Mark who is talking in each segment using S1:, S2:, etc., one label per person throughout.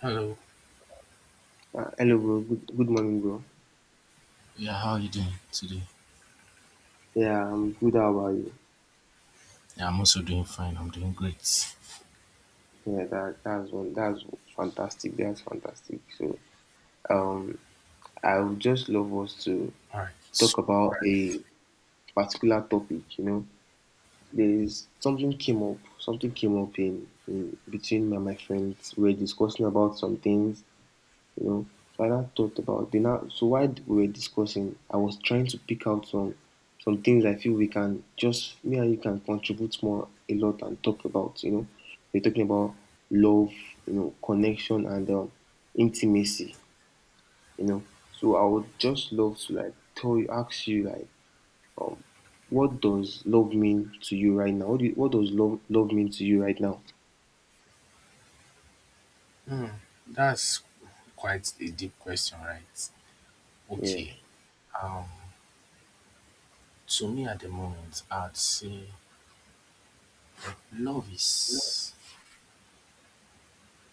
S1: Hello.
S2: Hello, bro. Good morning, bro.
S1: Yeah, how are you doing today?
S2: Yeah, I'm good. How about you?
S1: Yeah, I'm also doing fine. I'm doing great.
S2: Yeah, that's one. That's fantastic. That's fantastic. So, um, I would just love us to
S1: All right.
S2: talk
S1: So
S2: about a particular topic. You know, there's something came up. Something came up in between me and my friends. We are discussing about something. You know. So I now thought about the now. So while we were discussing, I was trying to pick out some things I feel we can just me and you can contribute more a lot and talk about. You know, we're talking about love, you know, connection and intimacy. You know, so I would just love to like tell you, ask you like, um, what does love mean to you right now? What do you, what does love mean to you right now?
S1: that's quite a deep question, right?
S2: Yeah.
S1: Okay. Um, to me at the moment, I'd say love is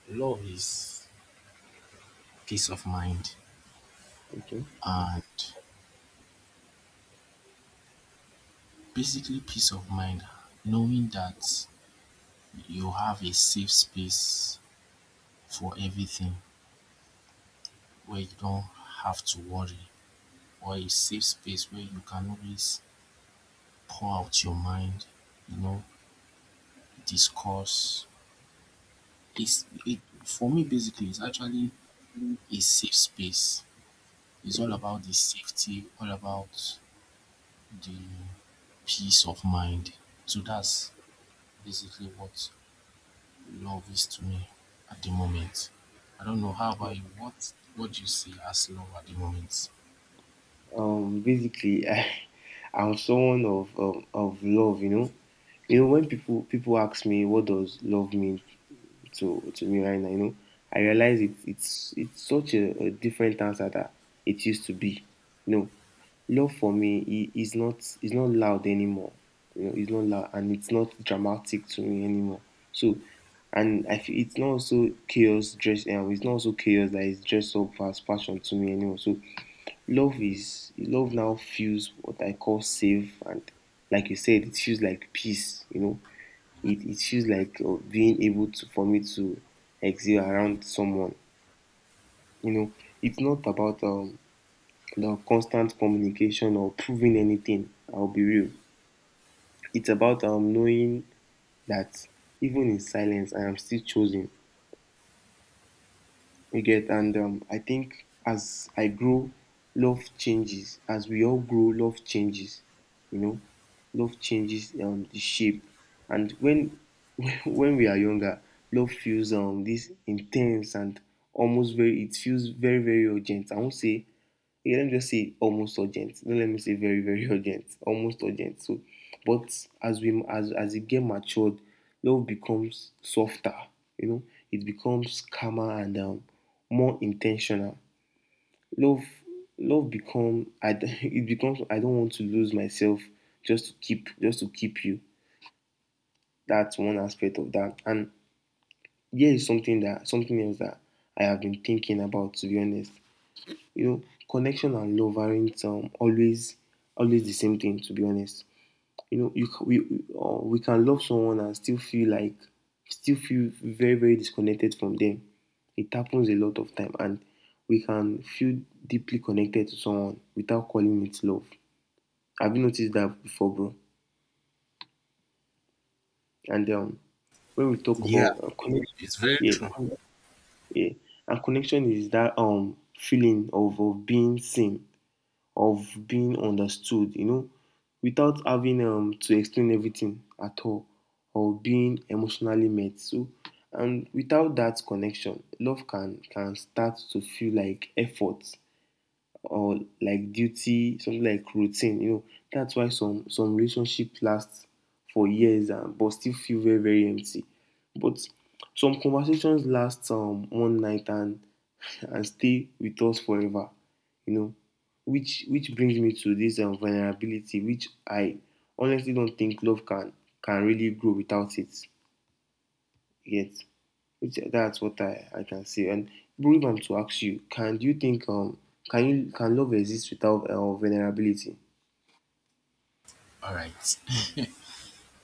S1: love is peace of mind,
S2: Okay.
S1: and basically peace of mind, knowing that you have a safe space for everything, where you don't have to worry, or a safe space where you can always pour out your mind, you know, discuss. It for me basically it's actually a safe space. It's all
S2: Okay.
S1: about the safety, all about the peace of mind. So that's basically what love is to me at the moment. I don't know how about you. What do you see as love at the moment?
S2: Basically, I'm someone of, of love. You know when people ask me what does love mean to me right now. You know, I realize it's such a different answer that it used to be. You know, love for me is not loud anymore. You know, it's not loud and it's not dramatic to me anymore. So, and I feel it's not also chaos dress. It's not also chaos that is dressed up as passion to me anymore. So, love now feels what I call safe and like you said, it feels like peace. You know, it feels like being able to for me to exist around someone, you know. It's not about the constant communication or proving anything. I'll be real, it's about knowing that even in silence I am still chosen. You get, and I think as I grow, love changes. As we all grow, love changes. You know, love changes the shape. And when when we are younger, love feels this intense and almost very. It feels very, very urgent. I won't say yeah, let me just say almost urgent. Don't let me say very, very urgent. Almost urgent. So, but as we as it get matured, love becomes softer. You know, it becomes calmer and more intentional. Love, love become. I it becomes. I don't want to lose myself just to keep you. That's one aspect of that. And here is something that something else that I have been thinking about. To be honest, you know, connection and love aren't always the same thing. To be honest, you know, you, c- we can love someone and still feel like still feel very, very disconnected from them. It happens a lot of time, and we can feel deeply connected to someone without calling it love. Have you noticed that before, bro? And when we talk
S1: Yeah,
S2: about connection,
S1: it's very
S2: yeah,
S1: true.
S2: con- yeah, and connection is that feeling of being seen, of being understood, you know, without having to explain everything at all or being emotionally met. So, and without that connection, love can start to feel like effort or like duty, something like routine, you know. That's why some relationship lasts for years and but still feel very, very empty. But some conversations last one night and and stay with us forever, you know. Which brings me to this vulnerability, which I honestly don't think love can really grow without it. Yet. It's, that's what I can say. And bro, if I'm to ask you, can do you think can you can love exist without vulnerability?
S1: All right.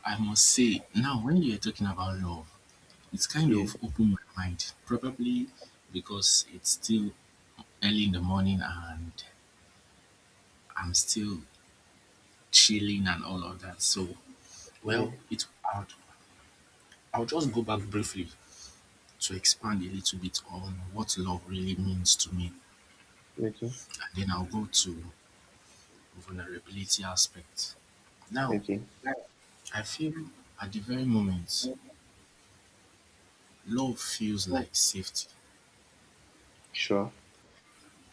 S1: I must say, now when you're talking about love, it's kind
S2: Yeah,
S1: of opened my mind, probably because it's still early in the morning and I'm still chilling and all of that. So,
S2: yeah,
S1: well, it I'll, I'll just go back briefly to expand a little bit on what love really means to me,
S2: okay,
S1: and then I'll go to vulnerability aspect. Now,
S2: okay,
S1: I feel at the very moment, love feels like safety,
S2: sure.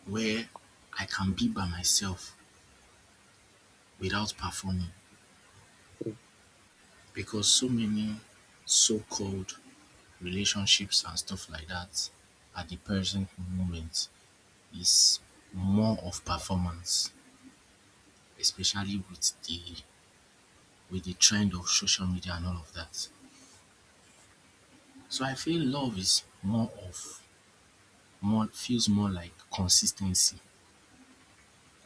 S1: where I can be by myself without performing, because so many so-called relationships and stuff like that at the present moment is more of performance, especially with the trend of social media and all of that. So I feel love is more of more feels more like consistency,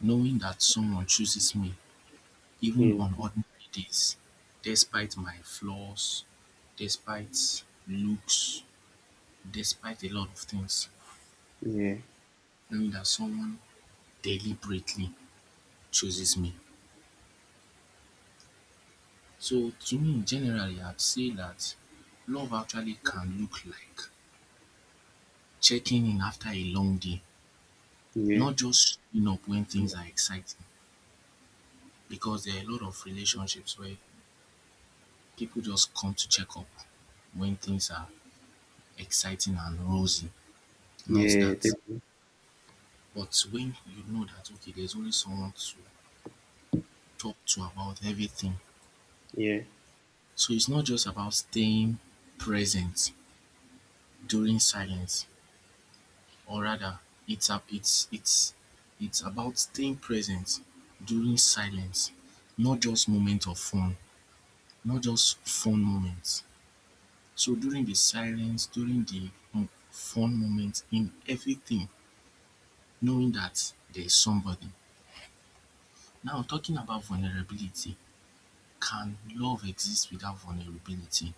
S1: knowing that someone chooses me even
S2: Yeah,
S1: on ordinary days, despite my flaws, despite looks, despite a lot of things.
S2: yeah,
S1: Knowing that someone deliberately chooses me. So to me, generally, I'd say that love actually can look like checking in after a long day,
S2: yeah,
S1: not just showing up when things are exciting. Because there are a lot of relationships where people just come to check up when things are exciting and rosy, not
S2: yeah,
S1: that.
S2: definitely.
S1: But when you know that, okay, there's only someone to talk to about everything.
S2: Yeah,
S1: So it's not just about staying present during silence, or rather it's a, it's it's about staying present during silence, not just moment of fun not just fun moments. So during the silence, during the fun moments in everything, knowing that there is somebody. Now talking about vulnerability, can love exist without vulnerability?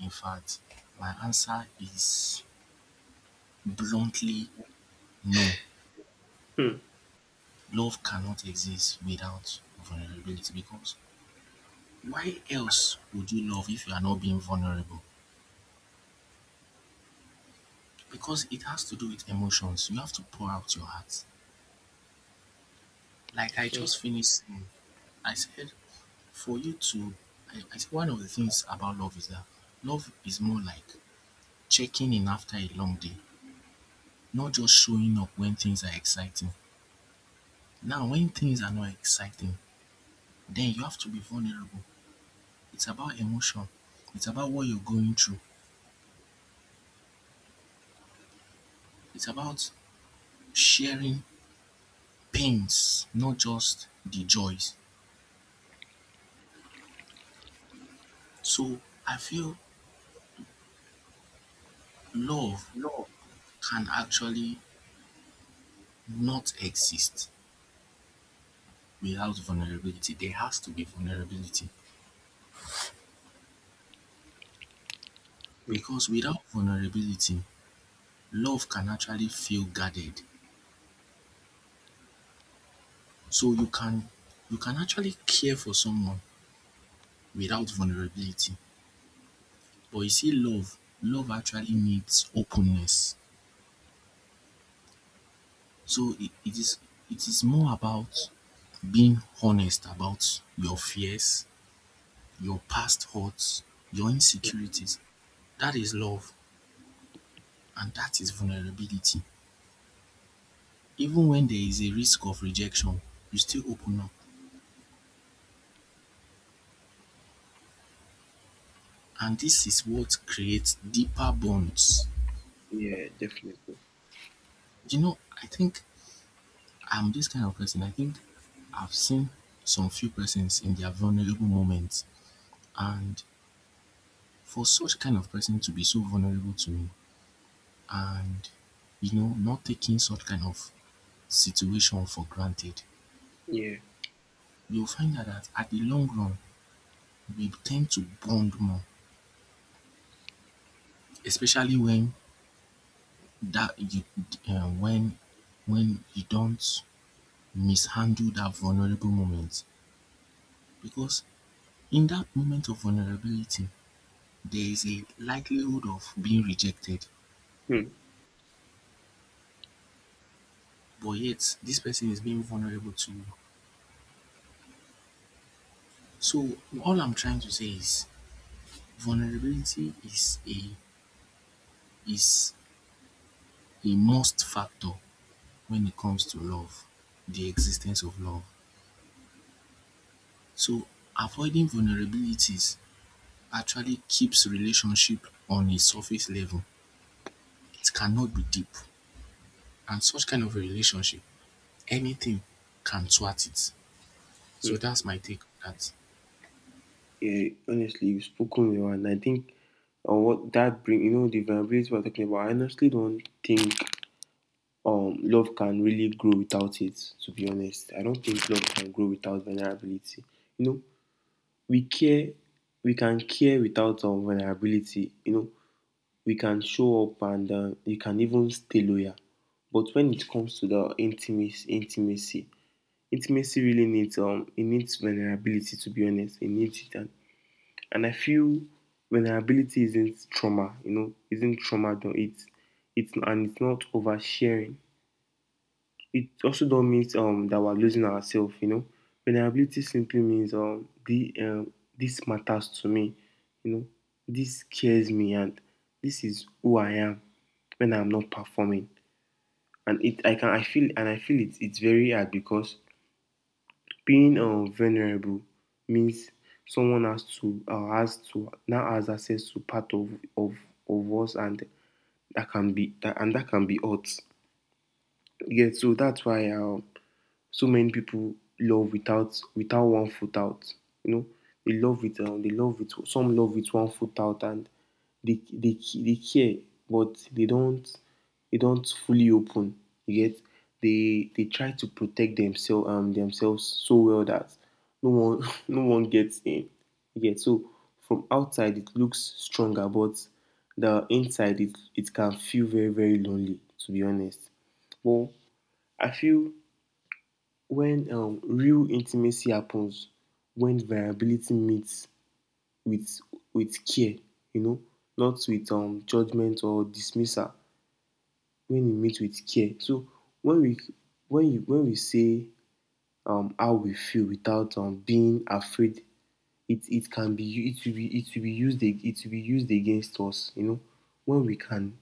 S1: In fact, my answer is bluntly no.
S2: hmm.
S1: Love cannot exist without vulnerability, because why else would you love if you are not being vulnerable? Because it has to do with emotions. You have to pour out your heart. Like I just finished saying, I said for you to I said one of the things about love is that love is more like checking in after a long day, not just showing up when things are exciting. Now when things are not exciting, then you have to be vulnerable. It's about emotion. It's about what you're going through. It's about sharing pains, not just the joys. So I feel love can actually not exist without vulnerability. There has to be vulnerability,
S2: Hmm,
S1: because without vulnerability, love can actually feel guarded. So you can actually care for someone without vulnerability. But you see love, love actually needs openness. So it is more about being honest about your fears, your past hurts, your insecurities. That is love and that is vulnerability. Even when there is a risk of rejection, you still open up, and this is what creates deeper bonds.
S2: yeah, definitely.
S1: You know, I think I'm this kind of person. I think I've seen some few persons in their vulnerable moments, and for such kind of person to be so vulnerable to me, and you know, not taking such kind of situation for granted,
S2: Yeah,
S1: you'll find out that at the long run we tend to bond more, especially that you uh, when when you don't mishandle that vulnerable moment, because in that moment of vulnerability there is a likelihood of being rejected,
S2: hmm.
S1: but yet this person is being vulnerable to you. So all I'm trying to say is vulnerability is is a must factor when it comes to love, the existence of love. So avoiding vulnerabilities actually keeps relationship on a surface level. It cannot be deep. And such kind of a relationship, anything can thwart it.
S2: Hmm.
S1: So that's my take on that.
S2: Yeah. Honestly, you've spoken well, and I think what that bring, you know, the vulnerability we're talking about. I honestly don't think love can really grow without it. To be honest, I don't think love can grow without vulnerability. You know, we care, we can care without vulnerability. You know, we can show up and you can even stay loyal, but when it comes to the intimacy, intimacy really needs it needs vulnerability. To be honest, it needs it. And I feel vulnerability isn't trauma. You know, isn't trauma though it's and it's not oversharing. It also don't mean that we're losing ourselves, you know. Vulnerability simply means this matters to me, you know, this scares me, and this is who I am when I'm not performing. And it, I can, I feel, and I feel it, it's very hard because being vulnerable means someone has to, now has access to part of of us, and that can be that, and that can be hurt. Yeah, so that's why so many people love without without one foot out. You know, they love it. They love it. Some love with one foot out, and they they care, but they don't fully open. You get they try to protect themselves so well that no one no one gets in. You get so from outside it looks stronger, but the inside it can feel very, very lonely. To be honest, well I feel when real intimacy happens when variability meets with with care, you know, not with judgment or dismissal. When it meets with care, so when we when we say how we feel without being afraid, it it can be it will be used it will be used against us, you know. When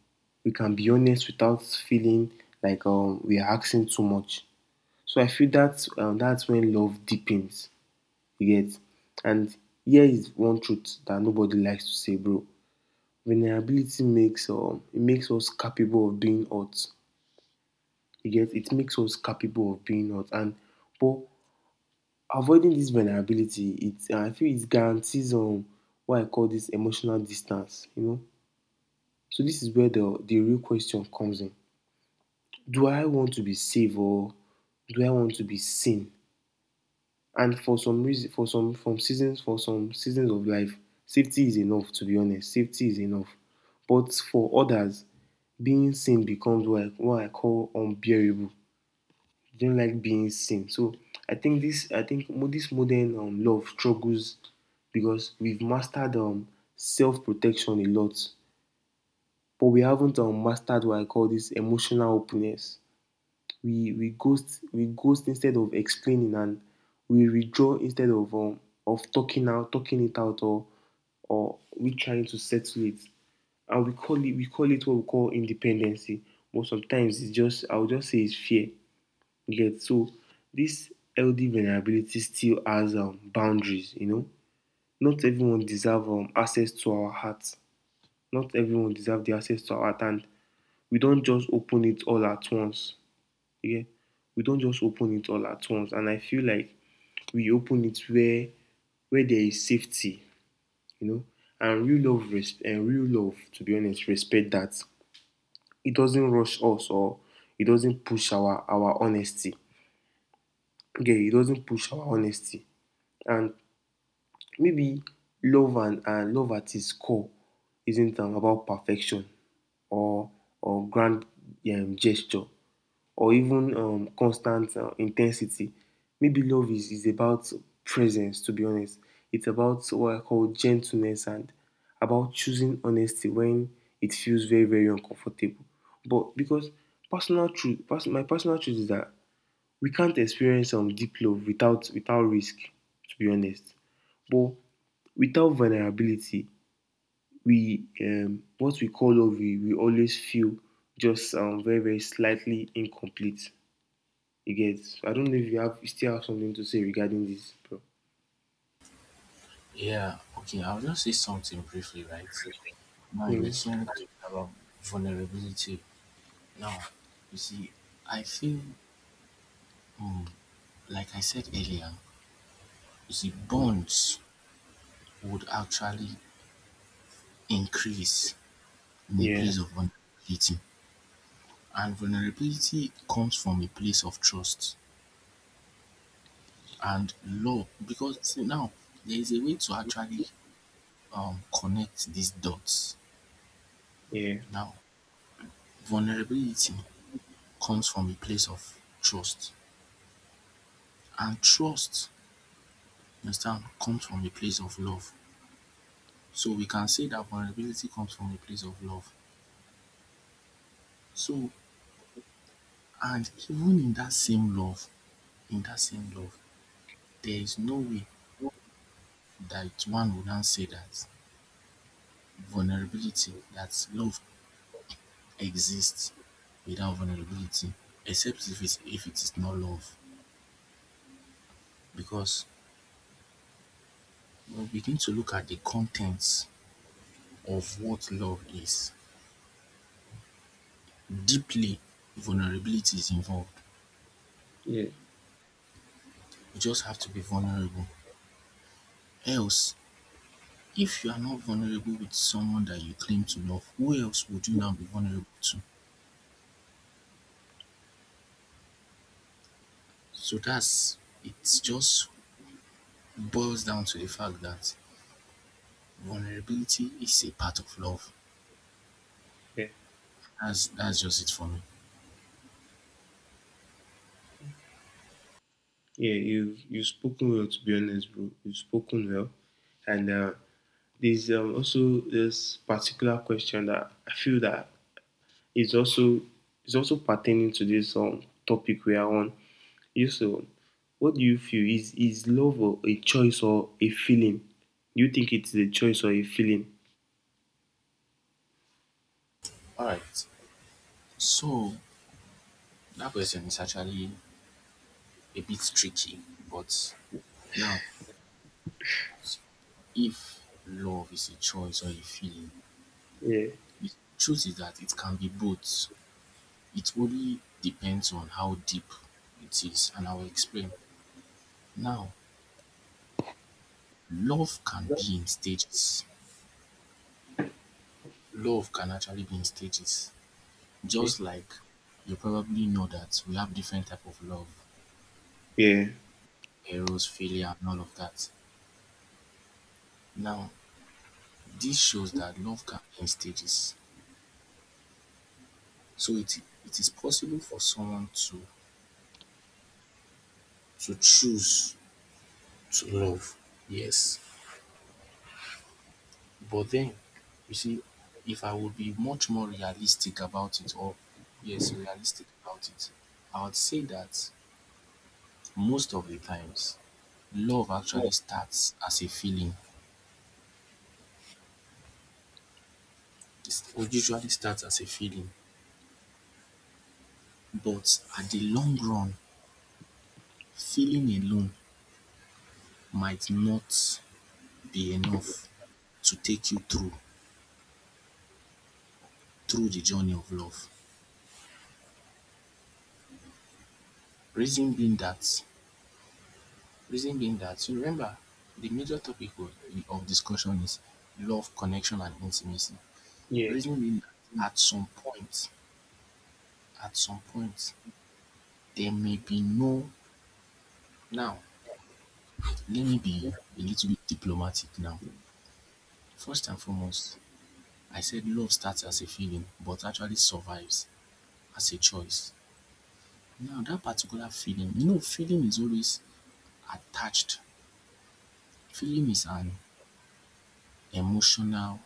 S2: we can be honest without feeling like we are asking too much. So I feel that's when love deepens. You get? And here is one truth that nobody likes to say, bro. Vulnerability makes it makes us capable of being hurt. You get? It makes us capable of being hurt. And but avoiding this vulnerability, it I feel it guarantees what I call this emotional distance. You know. So this is where the real question comes in. Do I want to be saved or do I want to be seen? And for some reason, for some seasons of life, safety is enough. To be honest, safety is enough. But for others, being seen becomes what I call unbearable. They don't like being seen. So I think this modern love struggles because we've mastered self protection a lot, but we haven't mastered what I call this emotional openness. We ghost instead of explaining, and we withdraw instead of talking it out or we trying to settle it, and we call it what we call independency, but sometimes it's just I will just say it's fear. You get so this healthy vulnerability still has boundaries. You know, not everyone deserve access to our hearts. Not everyone deserve the access to our heart, and we don't just open it all at once. Yeah, we don't just open it all at once. And I feel like we open it where there is safety, you know, and real love, res- and real love, to be honest, respect that. It doesn't rush us or it doesn't push our honesty. Okay, it doesn't push our honesty. And maybe love and love at its core isn't about perfection or or grand gesture or even constant intensity. Maybe love is about presence, to be honest. It's about what I call gentleness and about choosing honesty when it feels very, very uncomfortable. But because my personal truth is that we can't experience deep love without without risk, to be honest. But without vulnerability, we what we call love, we always feel just very, very slightly incomplete. You get? I don't know if you still have something to say regarding this, bro.
S1: Yeah, okay, I'll just say something briefly, right? Now you were
S2: Mm-hmm.
S1: saying about vulnerability. Now, you see, I feel, mm, like I said earlier, you see, bonds would actually increase in a
S2: Yeah,
S1: place of vulnerability. And vulnerability comes from a place of trust and love, because see, now there is a way to actually connect these dots.
S2: yeah,
S1: Now, vulnerability comes from a place of trust, and trust, you understand, comes from a place of love. So we can say that vulnerability comes from a place of love. So, and even in that same love, in that same love, there is no way that one would not say that love exists without vulnerability, except if it is not love. Because when we begin to look at the contents of what love is. Deeply, vulnerability is involved.
S2: yeah,
S1: You just have to be vulnerable. Else, if you are not vulnerable with someone that you claim to love, who else would you now be vulnerable to? So that's It just boils down to the fact that vulnerability is a part of love.
S2: yeah,
S1: That's just it for me.
S2: yeah. You you've spoken well, to be honest, bro. You've spoken well, and there's also this particular question that I feel that is also is also pertaining to this topic we are on. You so, what do you feel is love or a choice or a feeling? Do you think it's a choice or a feeling?
S1: Alright. So that question is actually a bit tricky, but now if love is a choice or a feeling,
S2: Yeah.
S1: the truth is that it can be both. It only depends on how deep it is, and I will explain. Now, love can be in stages. Love can actually be in stages.
S2: Okay.
S1: Just like you probably know that we have different type of love,
S2: Yeah.
S1: heroes, failure, and all of that. Now, this shows that love can be in stages. So it is possible for someone to choose to love. Yes. But then, you see, if I would be much more realistic about it, or yes, realistic about it, I would say that most of the times, love actually starts as a feeling. It usually starts as a feeling, but at the long run, feeling alone might not be enough to take you through the journey of love. Reason being that Reason being that, you remember, the major topic of discussion is love, connection, and intimacy.
S2: Yeah.
S1: Reason being that at some point, there may be no. Now, let me be a little bit diplomatic now. First and foremost, I said love starts as a feeling, but actually survives as a choice. Now, that particular feeling, you know, feeling is always attached. Feeling is an emotional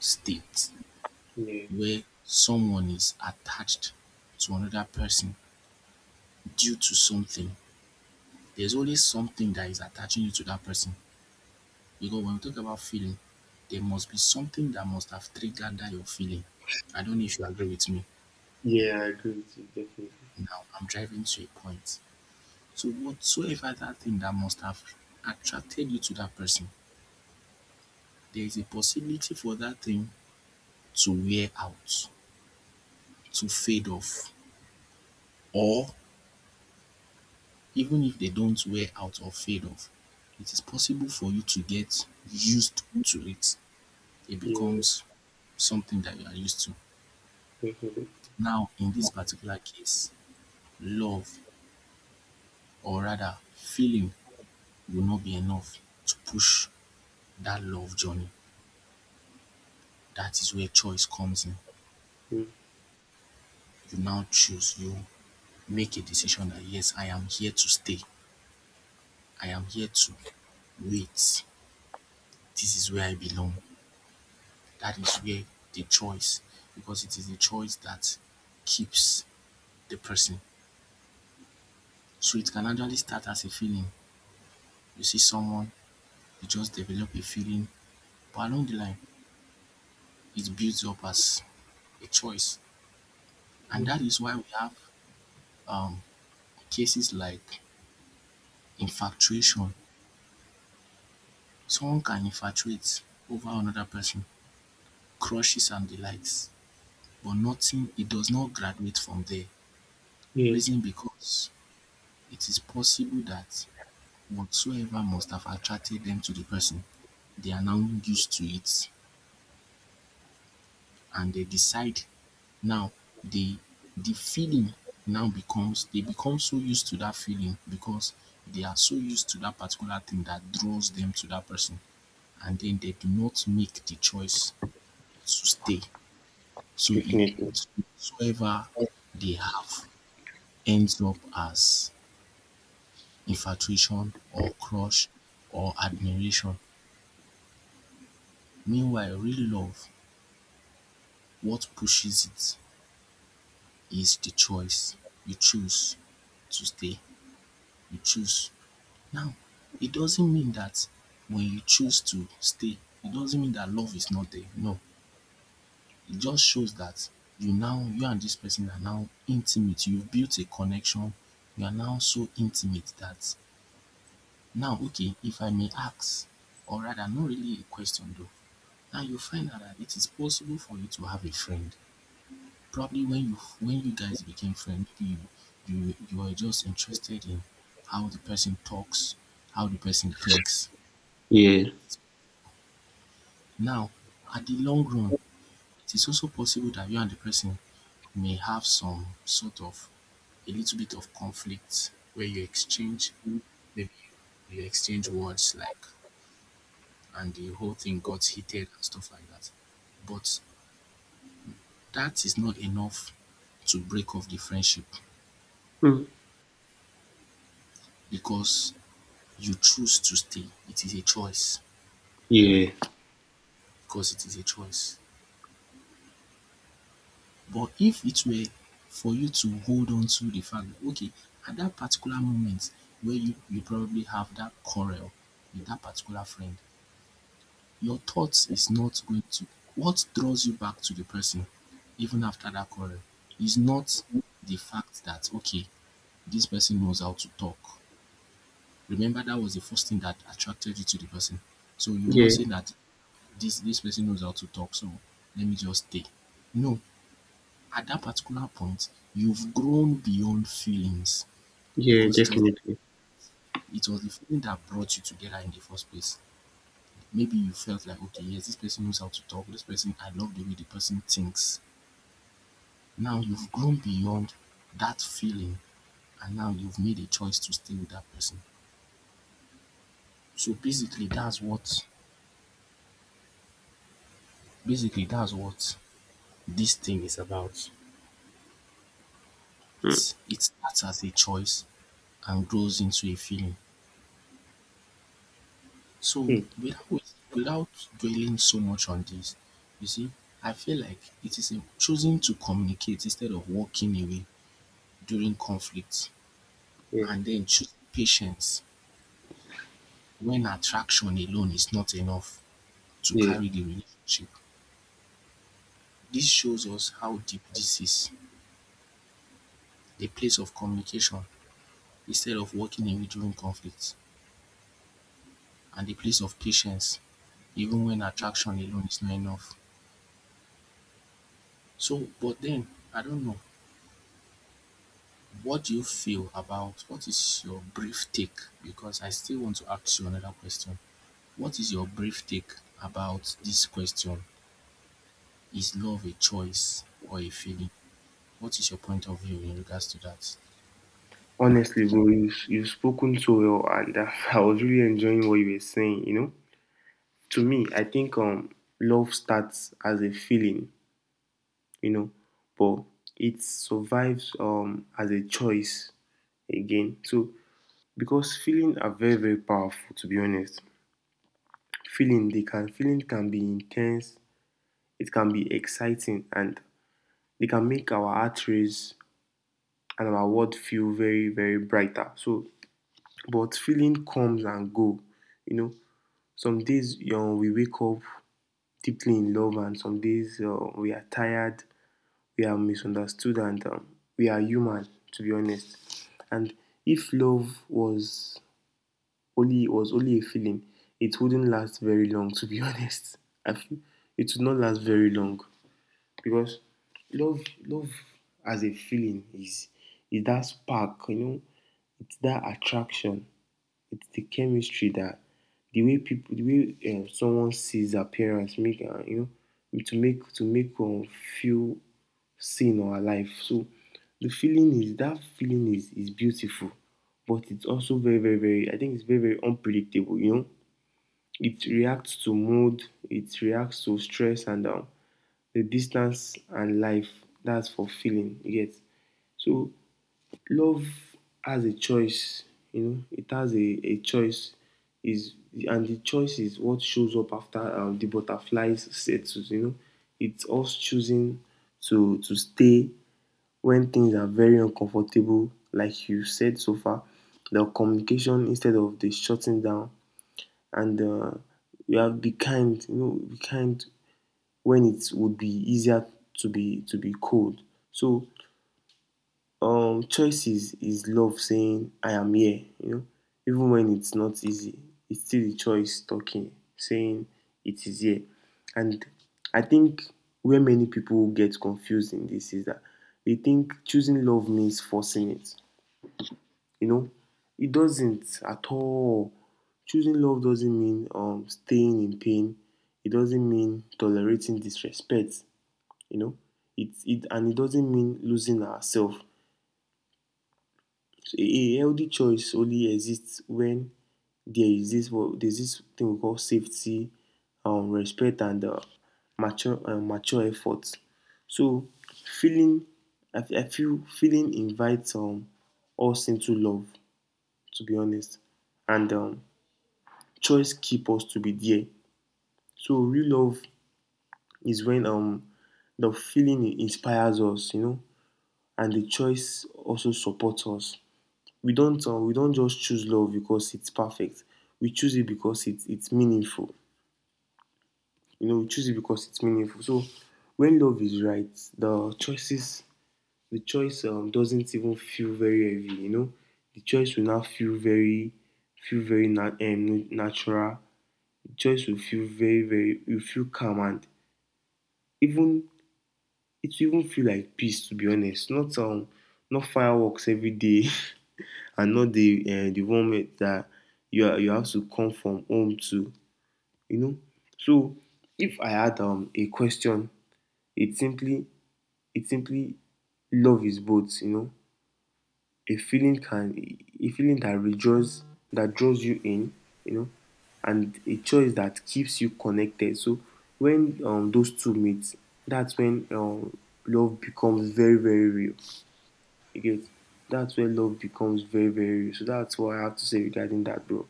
S1: state
S2: Yeah.
S1: where someone is attached to another person due to something. There's always something that is attaching you to that person, because when we talk about feeling, there must be something that must have triggered that your feeling. I don't know if you agree with me.
S2: Yeah. I agree with you definitely.
S1: Now I'm driving to a point. So whatsoever that thing that must have attracted you to that person, there is a possibility for that thing to wear out, to fade off, or even if they don't wear out or fade off, it is possible for you to get used to it. It
S2: Yeah.
S1: becomes something that you are used to.
S2: Definitely.
S1: Now, in this particular case, love or rather feeling will not be enough to push that love journey. That is where choice comes in.
S2: Mm,
S1: You now choose, you make a decision that yes, I am here to stay. I am here to wait. This is where I belong. That is where the choice, because it is the choice that keeps the person. So it can actually start as a feeling. You see someone, you just develop a feeling, but along the line, it builds up as a choice. And that
S2: mm.
S1: is why we have um, cases like infatuation. Someone can infatuate over another person, crushes and delights, but nothing, it does not graduate from there.
S2: Yeah.
S1: Reason because it is possible that whatsoever must have attracted them to the person. They are now used to it, and they decide now they the feeling now becomes they become so used to that feeling, because they are so used to that particular thing that draws them to that person, and then they do not make the choice to stay. So it
S2: Definitely.
S1: whatsoever they have ends up as infatuation or crush or admiration. Meanwhile real love, what pushes it is the choice. You choose to stay, you choose. Now, it doesn't mean that when you choose to stay, it doesn't mean that love is not there. No, it just shows that you now, you and this person are now intimate. You've built a connection. You are now so intimate that now, okay, if I may ask, or rather, not really a question though, now you find out that it is possible for you to have a friend probably when you guys became friends, you are just interested in how the person talks, how the person thinks.
S2: Yeah,
S1: Now, at the long run, it is also possible that you and the person may have some sort of a little bit of conflict where you exchange maybe you exchange words like and the whole thing got heated and stuff like that. But that is not enough to break off the friendship
S2: mm.
S1: because you choose to stay, it is a choice
S2: Yeah.
S1: because it is a choice. But if it were for you to hold on to the fact that, okay, at that particular moment where you probably have that quarrel with that particular friend, your thoughts is not going to, what draws you back to the person even after that quarrel is not the fact that, okay, this person knows how to talk. Remember, that was the first thing that attracted you to the person. So you're
S2: Yeah,
S1: not saying that this person knows how to talk, so let me just stay. No, at that particular point, you've grown beyond feelings
S2: yeah,
S1: because it was
S2: definitely.
S1: it was the feeling that brought you together in the first place. Maybe you felt like, okay, yes, this person knows how to talk. This person, I love the way the person thinks. Now you've grown beyond that feeling, and now you've made a choice to stay with that person. So basically that's what this thing is about.
S2: Mm.
S1: It starts as a choice and grows into a feeling. So
S2: Mm.
S1: without dwelling so much on this, you see, I feel like it is in choosing to communicate instead of walking away during conflict
S2: Yeah.
S1: and then choosing patience when attraction alone is not enough to
S2: Yeah.
S1: carry the relationship. This shows us how deep this is, the place of communication instead of walking away during conflict and the place of patience even when attraction alone is not enough. So but then I don't know, what do you feel about what is your brief take? Because I still want to ask you another question. What is your brief take about this question? Is love a choice or a feeling? What is your point of view in regards to that?
S2: Honestly, bro, you've spoken so well, and I was really enjoying what you were saying. You know, to me, I think love starts as a feeling, you know, but it survives as a choice again. So, because feeling are very, very powerful, to be honest. Feeling they can feeling can be intense, it can be exciting, and they can make our heart race and our world feel very, very brighter. So, but feeling comes and go, you know, some days, you know, we wake up deeply in love, and some days we are tired, we are misunderstood, and we are human, to be honest. And if love was only a feeling, it wouldn't last very long, to be honest. I feel it would not last very long because love love as a feeling is that spark, you know, it's that attraction, it's the chemistry that the way people, the way someone sees their parents, make you know, to make feel seen or alive. So the feeling is that feeling is beautiful, but it's also very very unpredictable. You know, it reacts to mood, it reacts to stress and the distance and life. That's for feeling. You get? So love has a choice, you know, it has a choice. Is And the choice is what shows up after the butterflies settles, you know. It's us choosing to stay when things are very uncomfortable, like you said so far. The communication instead of the shutting down and we have be kind, you know, be kind when it would be easier to be cold. So choices is love saying I am here, you know, even when it's not easy. It's still the choice talking, saying it is here. And I think where many people get confused in this is that they think choosing love means forcing it. You know, it doesn't at all. Choosing love doesn't mean staying in pain. It doesn't mean tolerating disrespect. You know, it and it doesn't mean losing ourselves. So a healthy choice only exists when there's this thing we call safety, respect and mature effort. So feeling I feel feeling invites us into love, to be honest, and choice keep us to be there. So real love is when the feeling inspires us, you know, and the choice also supports us. We don't we don't just choose love because it's perfect. We choose it because it's meaningful. You know, we choose it because it's meaningful. So when love is right, the choices the choice doesn't even feel very heavy. You know, the choice will now feel very natural. The choice will feel very very, you feel calm, and even it will even feel like peace. To be honest, not not fireworks every day. And not the the moment that you are, you have to come from home to, you know. So if I had a question, it simply it simply love is both, you know, a feeling can a feeling that rejoices, that draws you in, you know, and a choice that keeps you connected. So when those two meet, that's when love becomes very very real. You get? That's when love becomes very very real. So that's what I have to say regarding that, bro.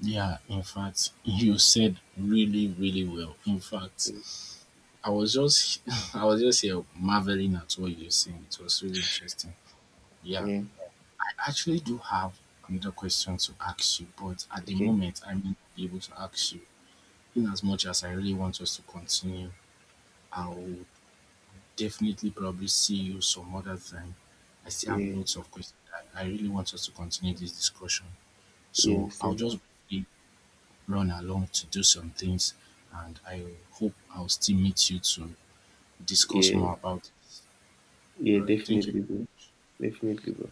S1: Yeah, in fact, you said really, really well. In fact,
S2: Yeah,
S1: I was just I was just here marveling at what you were saying. It was really interesting. Yeah.
S2: yeah.
S1: I actually do have another question to ask you, but at the
S2: Okay.
S1: moment I may not be able to ask you in as much as I really want us to continue, I'll definitely probably see you some other time. I still have
S2: Yeah.
S1: lots of questions. I really want us to continue this discussion.
S2: Yeah.
S1: So I'll
S2: Same.
S1: just briefly run along to do some things and I hope I'll still meet you to discuss
S2: Yeah.
S1: more about it.
S2: Yeah.
S1: All right. Thank you.
S2: Definitely, bro. Definitely, bro.